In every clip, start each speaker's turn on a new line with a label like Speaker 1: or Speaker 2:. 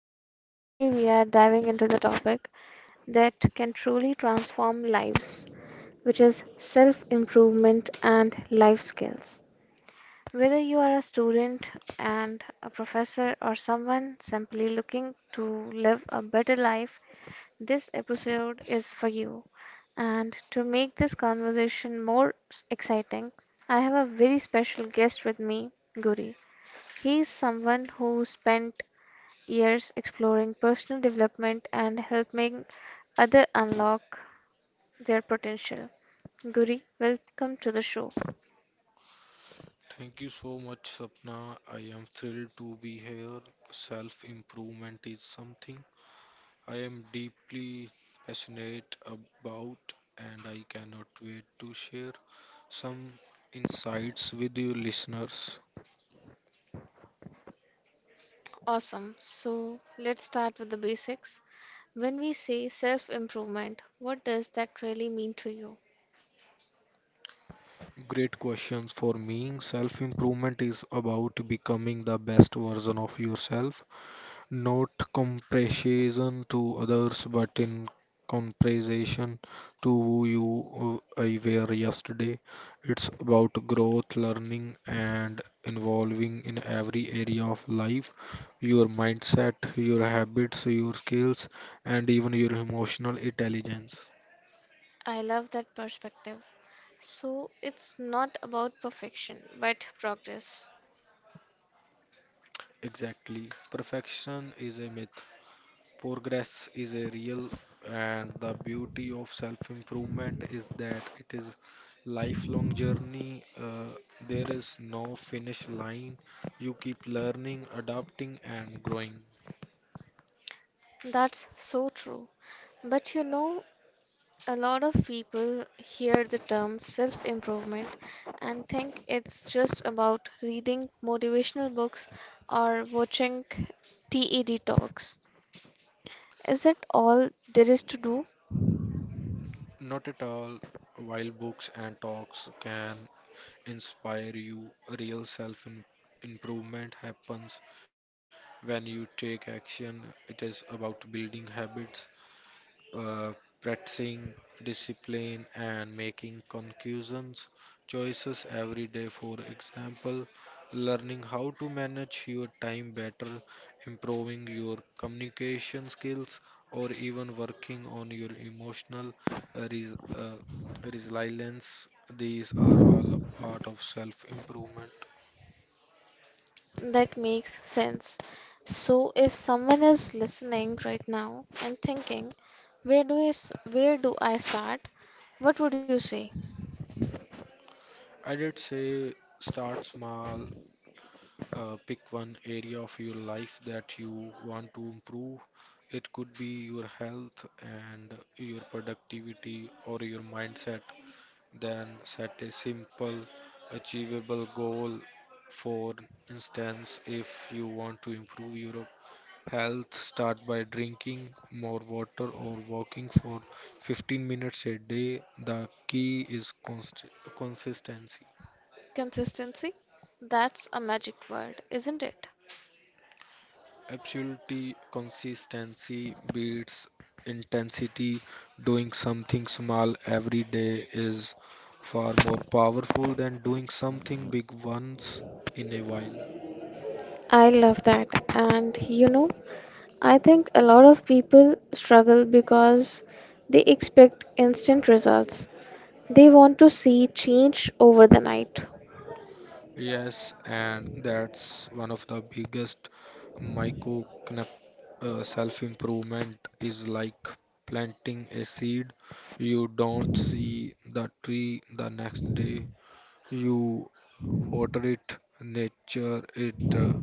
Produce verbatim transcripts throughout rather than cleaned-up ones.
Speaker 1: and today we are diving into the topic that can truly transform lives, which is self-improvement and life skills. Whether you are a student and a professor or someone simply looking to live a better life, this episode is for you. And to make this conversation more s- exciting, I have a very special guest with me, Guri. He is someone who spent years exploring personal development and helping others unlock their potential. Guri, welcome to the show.
Speaker 2: Thank you so much, Sapna. I am thrilled to be here. Self improvement is something I am deeply passionate about, and I cannot wait to share some insights with you listeners.
Speaker 1: Awesome. So let's start with the basics. When we say self improvement, what does that really mean to you?
Speaker 2: Great questions for me. Self improvement is about becoming the best version of yourself, not comparison to others, but in comparison to who you uh, I were yesterday. It's about growth, learning, and involving in every area of life, your mindset, your habits, your skills, and even your emotional intelligence.
Speaker 1: I love that perspective. So it's not about perfection, but progress.
Speaker 2: Exactly. Perfection is a myth. Progress is a real, and the beauty of self improvement is that it is lifelong journey. Uh, there is no finish line. You keep learning, adapting, and growing.
Speaker 1: That's so true. But you know, a lot of people hear the term self improvement and think it's just about reading motivational books or watching TED talks. Is that all there is to do?
Speaker 2: Not at all. While books and talks can inspire you, real self im- improvement happens when you take action. It is about building habits, uh, practicing discipline, and making conclusions choices every day. For example, learning how to manage your time better, improving your communication skills, or even working on your emotional uh, res- uh, resilience. These are all a part of self improvement.
Speaker 1: That makes sense. So if someone is listening right now and thinking, where do I, s- where do I start? What would you say?
Speaker 2: I did say, start small. Uh, pick one area of your life that you want to improve. It could be your health and your productivity or your mindset. Then set a simple, achievable goal. For instance, if you want to improve your health, start by drinking more water or walking for fifteen minutes a day. The key is const- consistency.
Speaker 1: Consistency? That's a magic word, isn't it?
Speaker 2: Absolutely, consistency beats intensity. Doing something small every day is far more powerful than doing something big once in a while.
Speaker 1: I love that. And you know, I think a lot of people struggle because they expect instant results. They want to see change over the night.
Speaker 2: Yes, and that's one of the biggest. Micro uh, Self improvement is like planting a seed. You don't see the tree the next day. You water it, nature it. uh,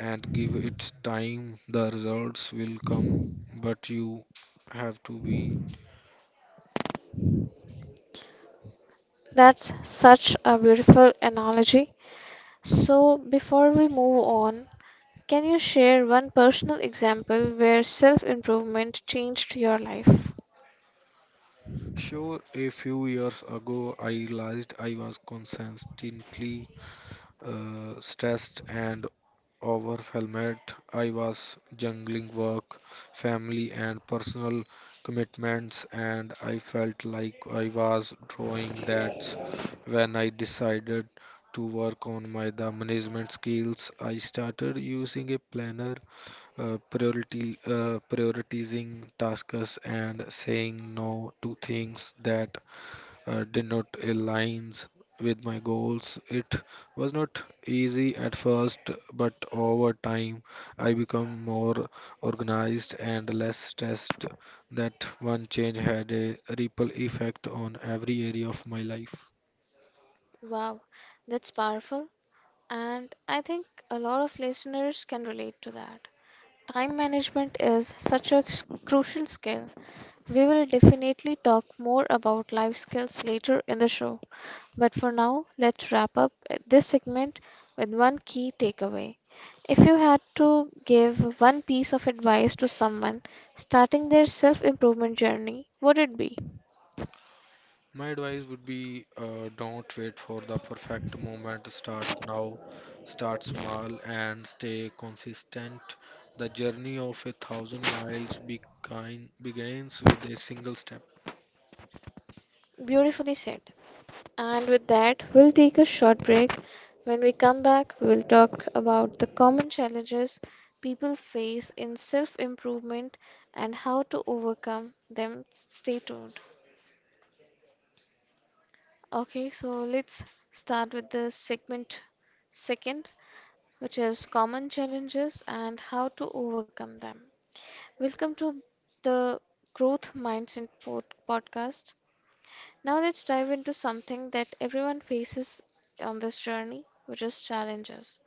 Speaker 2: and give it time. The results will come. But you have to be
Speaker 1: That's such a beautiful analogy. So, before we move on, can you share one personal example where self improvement changed your life?
Speaker 2: sure. A few years ago, I realized I was constantly uh, stressed and overwhelmed. I was juggling work, family, and personal commitments, and I felt like I was drawing. That's when I decided to work on my the management skills. I started using a planner, uh, priority uh, prioritizing tasks and saying no to things that uh, did not aligns with my goals. It was not easy at first, but over time I become more organized and less stressed. That one change had a ripple effect on every area of my life.
Speaker 1: Wow, that's powerful. And I think a lot of listeners can relate to that. Time management is such a s- crucial skill. We will definitely talk more about life skills later in the show. But for now, let's wrap up this segment with one key takeaway. If you had to give one piece of advice to someone starting their self improvement journey, what would it be?
Speaker 2: My advice would be, uh, don't wait for the perfect moment. Start now, start small, and stay consistent. The journey of a thousand miles begin, begins with a single step.
Speaker 1: Beautifully said. And with that, we'll take a short break. When we come back, we'll talk about the common challenges people face in self improvement and how to overcome them. Stay tuned. Okay, so let's start with the segment second, which is common challenges and how to overcome them. Welcome to the Growth Mindset pod- podcast. Now let's dive into something that everyone faces on this journey, which is challenges.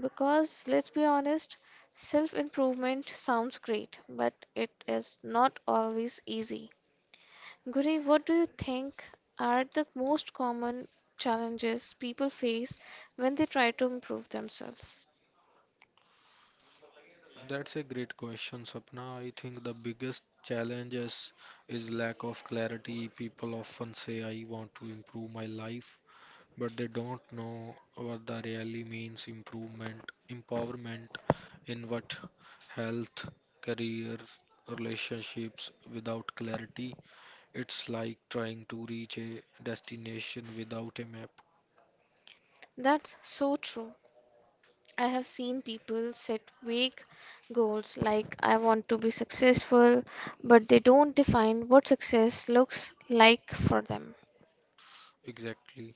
Speaker 1: Because let's be honest, self-improvement sounds great, but it is not always easy. Guri, what do you think are the most common challenges people face when they try to improve themselves?
Speaker 2: That's a great question, Sapna. I think the biggest challenge is, is lack of clarity. People often say, I want to improve my life, but they don't know what that really means. Improvement, empowerment in what? Health, career, relationships? Without clarity, it's like trying to reach a destination without a map.
Speaker 1: That's so true. I have seen people set vague goals like I want to be successful, but they don't define what success looks like for them.
Speaker 2: Exactly.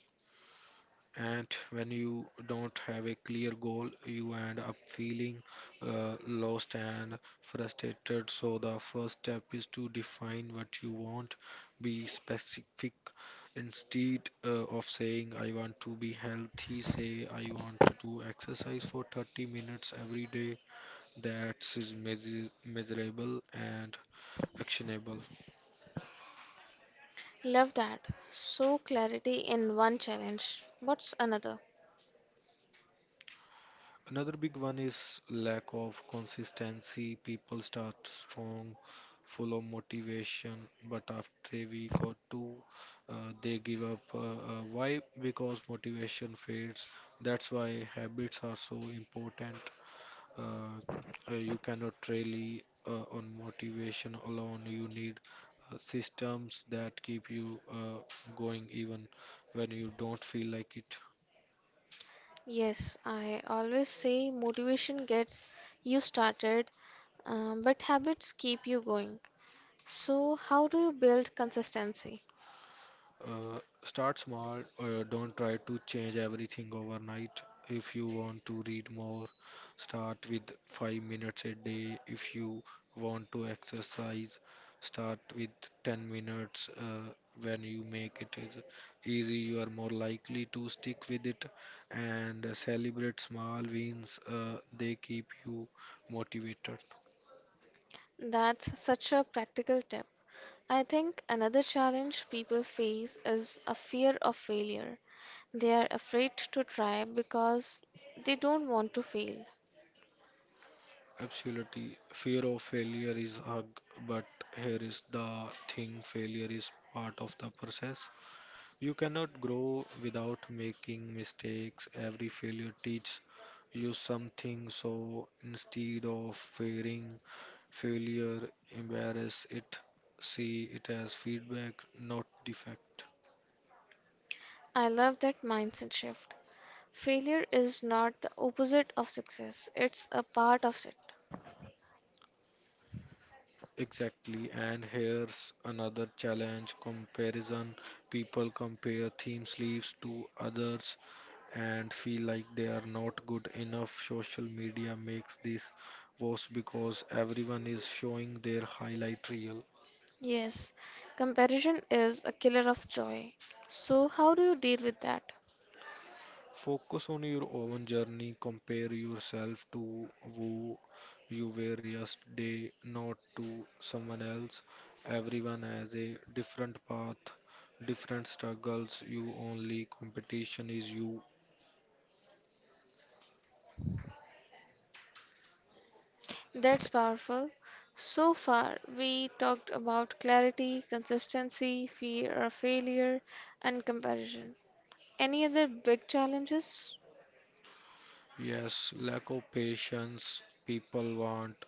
Speaker 2: And when you don't have a clear goal, you end up feeling uh, lost and frustrated. So, the first step is to define what you want, be specific. Instead uh, of saying, I want to be healthy, say, I want to exercise for thirty minutes every day. That is measur- measurable and actionable.
Speaker 1: Love that. So, clarity in one challenge. What's another?
Speaker 2: Another big one is lack of consistency. People start strong, full of motivation, but after a week or two, uh, they give up. Uh, uh, why? Because motivation fades. That's why habits are so important. Uh, uh, you cannot really uh, on motivation alone. You need uh, systems that keep you uh, going even when you don't feel like it.
Speaker 1: Yes, I always say motivation gets you started, uh, but habits keep you going. So, how do you build consistency?
Speaker 2: Uh, Start small. Uh, don't try to change everything overnight. If you want to read more, start with five minutes a day. If you want to exercise, start with ten minutes. Uh, when you make it is easy, you are more likely to stick with it, and celebrate small wins. Uh, they keep you motivated.
Speaker 1: That's such a practical tip. I think another challenge people face is a fear of failure. They are afraid to try because they don't want to fail.
Speaker 2: Absolutely. Fear of failure is hug, but here is the thing, failure is part of the process. You cannot grow without making mistakes. Every failure teaches you something, so instead of fearing failure, embrace it. See it as feedback, not defect.
Speaker 1: I love that mindset shift. Failure is not the opposite of success, it's a part of it.
Speaker 2: Exactly, and here's another challenge, comparison. People compare theme sleeves to others and feel like they are not good enough. Social media makes this worse because everyone is showing their highlight reel.
Speaker 1: Yes, comparison is a killer of joy. So, how do you deal with that?
Speaker 2: Focus on your own journey. Compare yourself to who you were yesterday, not to someone else. Everyone has a different path, different struggles. Your only competition is you.
Speaker 1: That's powerful. So far, we talked about clarity, consistency, fear of failure, and comparison. Any other big challenges?
Speaker 2: Yes, lack of patience. People want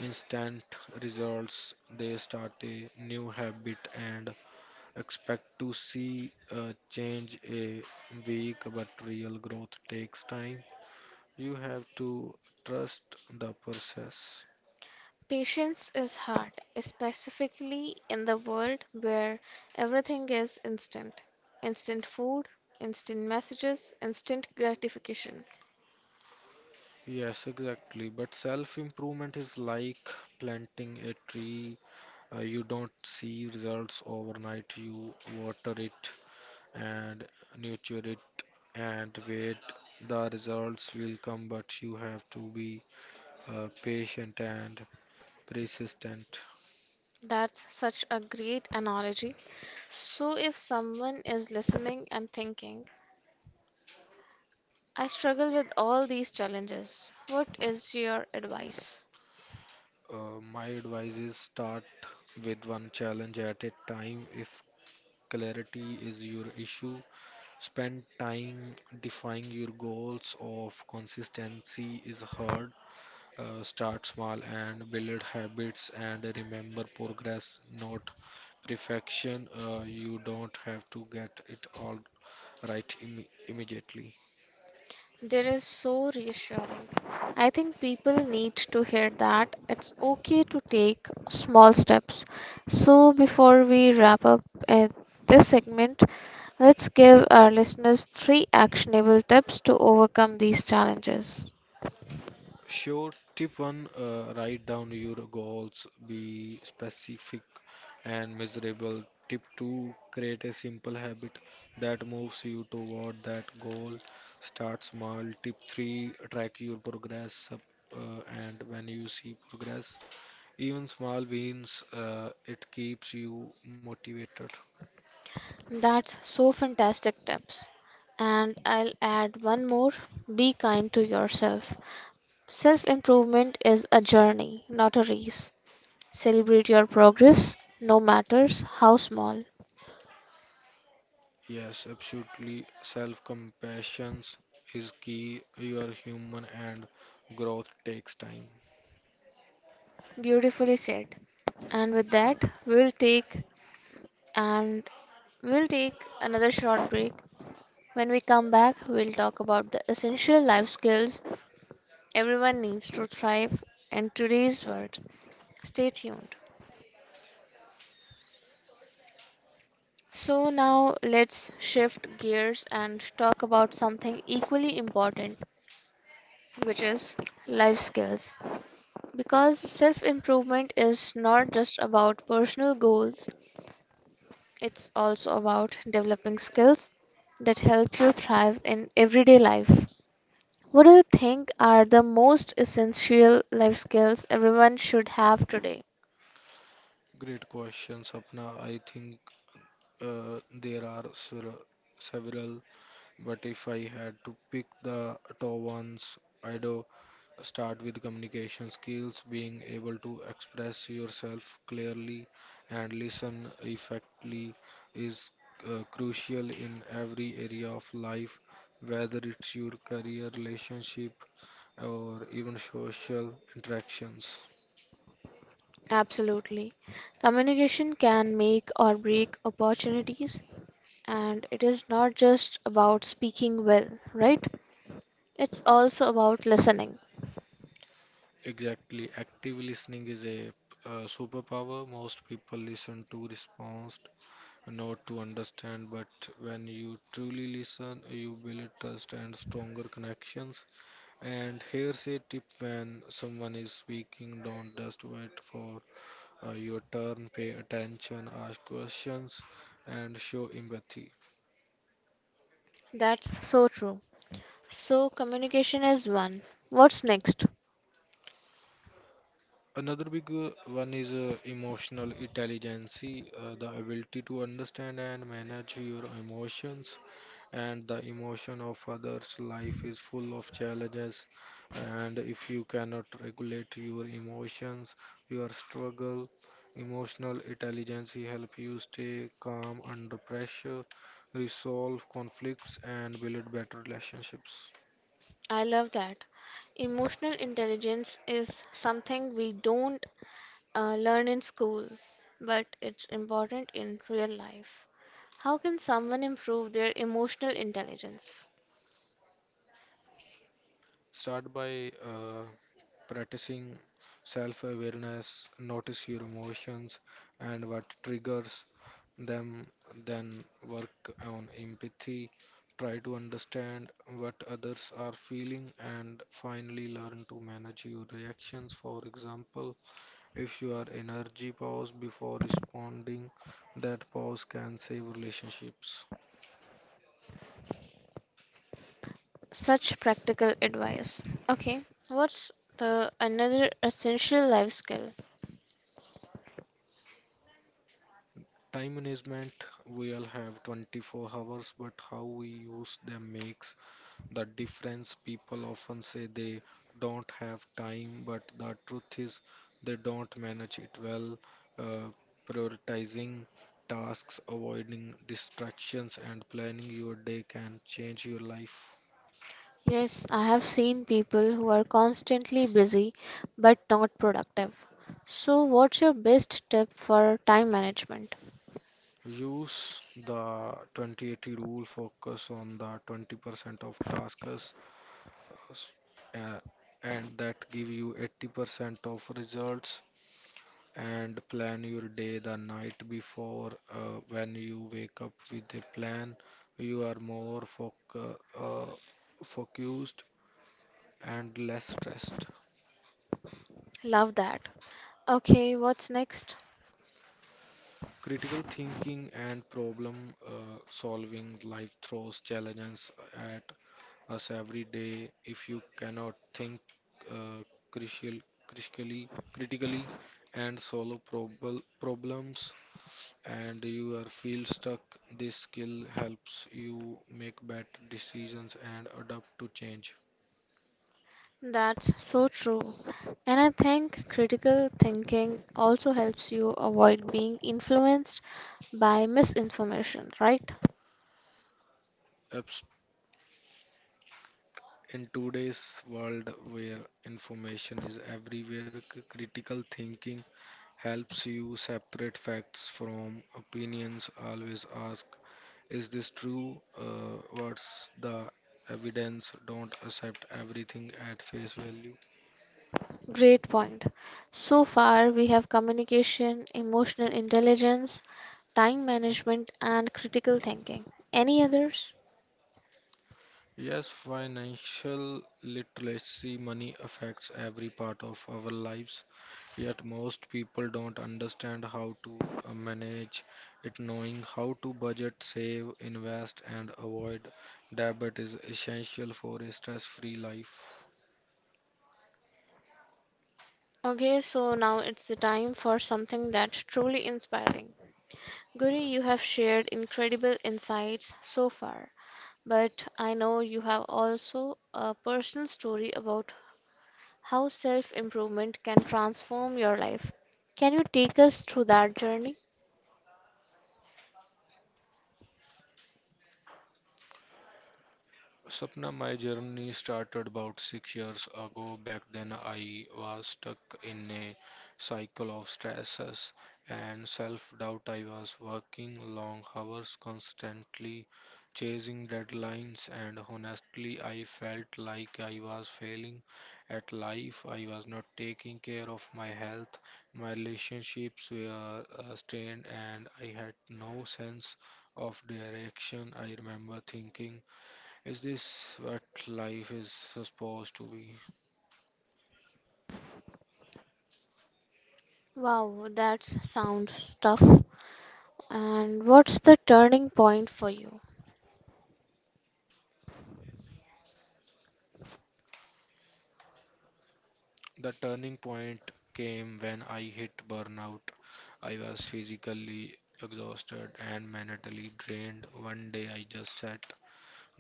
Speaker 2: instant results. They start a new habit and expect to see a change a week, but real growth takes time. You have to trust the process.
Speaker 1: Patience is hard, specifically in the world where everything is instant. Instant food, instant messages, instant gratification.
Speaker 2: Yes, exactly. But self-improvement is like planting a tree. Uh, you don't see results overnight. You water it and nurture it and wait. The results will come, but you have to be uh, patient and persistent.
Speaker 1: That's such a great analogy. So, if someone is listening and thinking, I struggle with all these challenges, what is your advice?
Speaker 2: Uh, my advice is, start with one challenge at a time. If clarity is your issue, spend time defining your goals. Of consistency is hard, Uh, start small and build habits, and remember progress, not perfection. Uh, you don't have to get it all right imme- immediately.
Speaker 1: That is so reassuring. I think people need to hear that it's okay to take small steps. So, before we wrap up uh, this segment, let's give our listeners three actionable tips to overcome these challenges.
Speaker 2: Sure. Tip one, uh, write down your goals, be specific and measurable. Tip two, create a simple habit that moves you toward that goal. Start small. Tip three, track your progress up, uh, and when you see progress, even small wins, uh, it keeps you motivated.
Speaker 1: That's so fantastic tips. And I'll add one more, be kind to yourself. Self improvement is a journey, not a race. Celebrate your progress, no matters how small.
Speaker 2: Yes, absolutely. Self-compassion is key. You are human and growth takes time.
Speaker 1: Beautifully said. And with that, we will take and we'll take another short break. When we come back, we'll talk about the essential life skills everyone needs to thrive in today's world. Stay tuned. So now let's shift gears and talk about something equally important, which is life skills. Because self improvement is not just about personal goals, it's also about developing skills that help you thrive in everyday life. What do you think are the most essential life skills everyone should have today?
Speaker 2: Great question, Sapna. I think uh, there are sever- several, but if I had to pick the top ones, I'd uh, start with communication skills. Being able to express yourself clearly and listen effectively is uh, crucial in every area of life, whether it's your career, relationship, or even social interactions.
Speaker 1: Absolutely. Communication can make or break opportunities, and it is not just about speaking well, right? It's also about listening.
Speaker 2: Exactly. Active listening is a uh, superpower. Most people listen to respond, not to understand. But when you truly listen, you build trust and stronger connections. And here's a tip, when someone is speaking, don't just wait for uh, your turn. Pay attention, ask questions, and show empathy.
Speaker 1: That's so true. So, communication is one. What's next?
Speaker 2: Another big uh, one is uh, emotional intelligence, uh, the ability to understand and manage your emotions and the emotion of others. Life is full of challenges, and if you cannot regulate your emotions, your struggle, emotional intelligence help you stay calm under pressure, resolve conflicts, and build better relationships.
Speaker 1: I love that. Emotional intelligence is something we don't uh, learn in school, but it's important in real life. How can someone improve their emotional intelligence?
Speaker 2: Start by uh, practicing self awareness, notice your emotions and what triggers them, then work on empathy, try to understand what others are feeling, and finally learn to manage your reactions. For example, if you are energy, pause before responding. That pause can save relationships.
Speaker 1: Such practical advice. Okay, what's the another essential life skill?
Speaker 2: Time management. We all have twenty-four hours, but how we use them makes the difference. People often say they don't have time, but the truth is they don't manage it well. Uh, Prioritizing tasks, avoiding distractions, and planning your day can change your life.
Speaker 1: Yes, I have seen people who are constantly busy but not productive. So, what's your best tip for time management?
Speaker 2: Use the twenty eighty rule, focus on the twenty percent of tasks s- uh, and that give you eighty percent of results, and plan your day the night before. Uh, when you wake up with a plan, you are more foc- uh, uh, focused and less stressed.
Speaker 1: Love that. Okay, what's next?
Speaker 2: Critical thinking and problem uh, solving. Life throws challenges at us every day. If you cannot think uh, critical, critically, critically and solve prob- problems, and you are feel stuck, this skill helps you make better decisions and adapt to change.
Speaker 1: That's so true. And I think critical thinking also helps you avoid being influenced by misinformation, right?
Speaker 2: In today's world where information is everywhere, c- critical thinking helps you separate facts from opinions. Always ask, is this true? Uh, what's the evidence? Don't accept everything at face value.
Speaker 1: Great point. So far, we have communication, emotional intelligence, time management, and critical thinking. Any others?
Speaker 2: Yes, financial literacy. Money affects every part of our lives, yet most people don't understand how to uh, manage it. Knowing how to budget, save, invest, and avoid debt is essential for a stress-free life.
Speaker 1: Okay, so now it's the time for something that's truly inspiring. Guri, you have shared incredible insights so far, but I know you have also a personal story about how self improvement can transform your life. Can you take us through that journey?
Speaker 2: Sapna, my journey started about six years ago. Back then, I was stuck in a cycle of stresses and self doubt. I was working long hours, constantly chasing deadlines, and honestly, I felt like I was failing at life. I was not taking care of my health, my relationships were uh, strained, and I had no sense of direction. I remember thinking, is this what life is supposed to be?
Speaker 1: Wow, that sounds tough. And what's the turning point for you?
Speaker 2: The turning point came when I hit burnout. I was physically exhausted and mentally drained. One day I just sat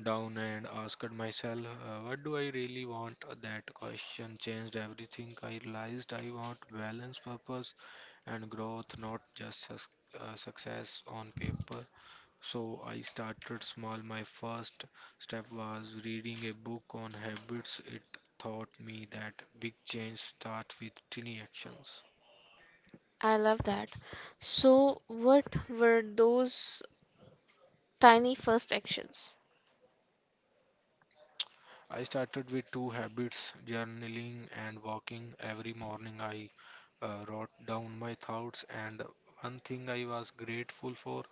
Speaker 2: down and asked myself, uh, what do I really want? That question changed everything. I realized I want balance, purpose, and growth, not just sus- uh, success on paper. So I started small. My first step was reading a book on habits. It taught me that big change starts with tiny actions.
Speaker 1: I love that. So, what were those tiny first actions?
Speaker 2: I started with two habits, journaling and walking. Every morning I uh, wrote down my thoughts and one thing I was grateful for,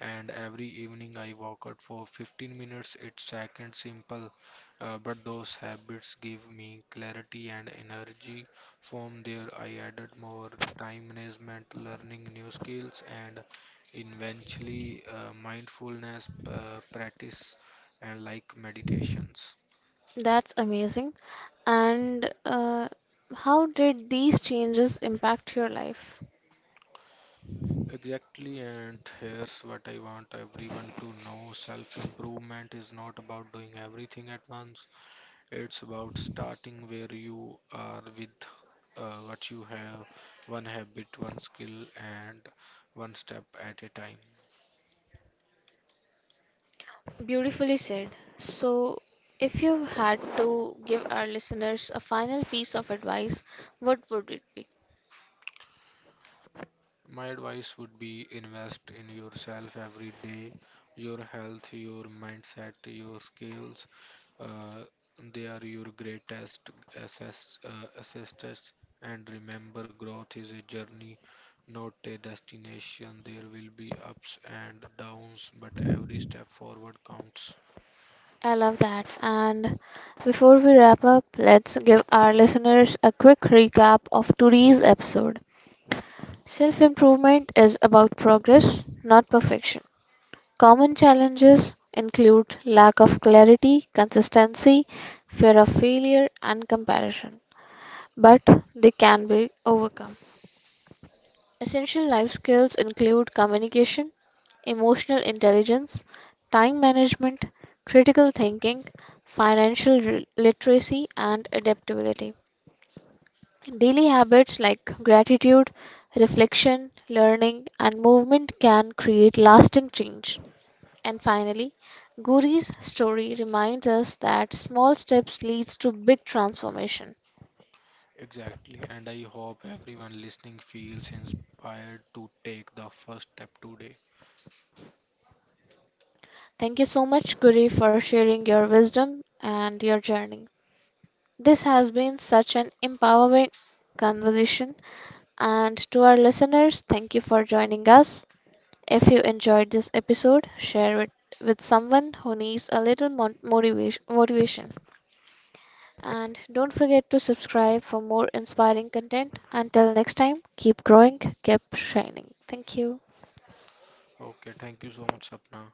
Speaker 2: and every evening I walked for fifteen minutes. It's second simple, uh, but those habits give me clarity and energy. From there, I added more, time management, learning new skills, and eventually uh, mindfulness uh, practice and like meditations.
Speaker 1: That's amazing. And uh, how did these changes impact your life?
Speaker 2: Exactly, and here's what I want everyone to know, self improvement is not about doing everything at once, it's about starting where you are with uh, what you have, one habit, one skill, and one step at a time.
Speaker 1: Beautifully said. So, if you had to give our listeners a final piece of advice, what would it be?
Speaker 2: My advice would be, invest in yourself every day, your health, your mindset, your skills. Uh, they are your greatest assess, uh, assets. And remember, growth is a journey, not a destination. There will be ups and downs, but every step forward counts.
Speaker 1: I love that. And before we wrap up, let's give our listeners a quick recap of today's episode. Self improvement is about progress, not perfection. Common challenges include lack of clarity, consistency, fear of failure, and comparison, but they can be overcome. Essential life skills include communication, emotional intelligence, time management, critical thinking, financial re- literacy, and adaptability. Daily habits like gratitude, reflection, learning, and movement can create lasting change. And finally, Guri's story reminds us that small steps leads to big transformation.
Speaker 2: Exactly. And I hope everyone listening feels inspired to take the first step today.
Speaker 1: Thank you so much Guri for sharing your wisdom and your journey. This has been such an empowering conversation, and to our listeners, thank you for joining us. If you enjoyed this episode, share it with someone who needs a little mon- motivation motivation. And don't forget to subscribe for more inspiring content. Until next time, keep growing, keep shining. Thank you.
Speaker 2: Okay, thank you so much, Sapna.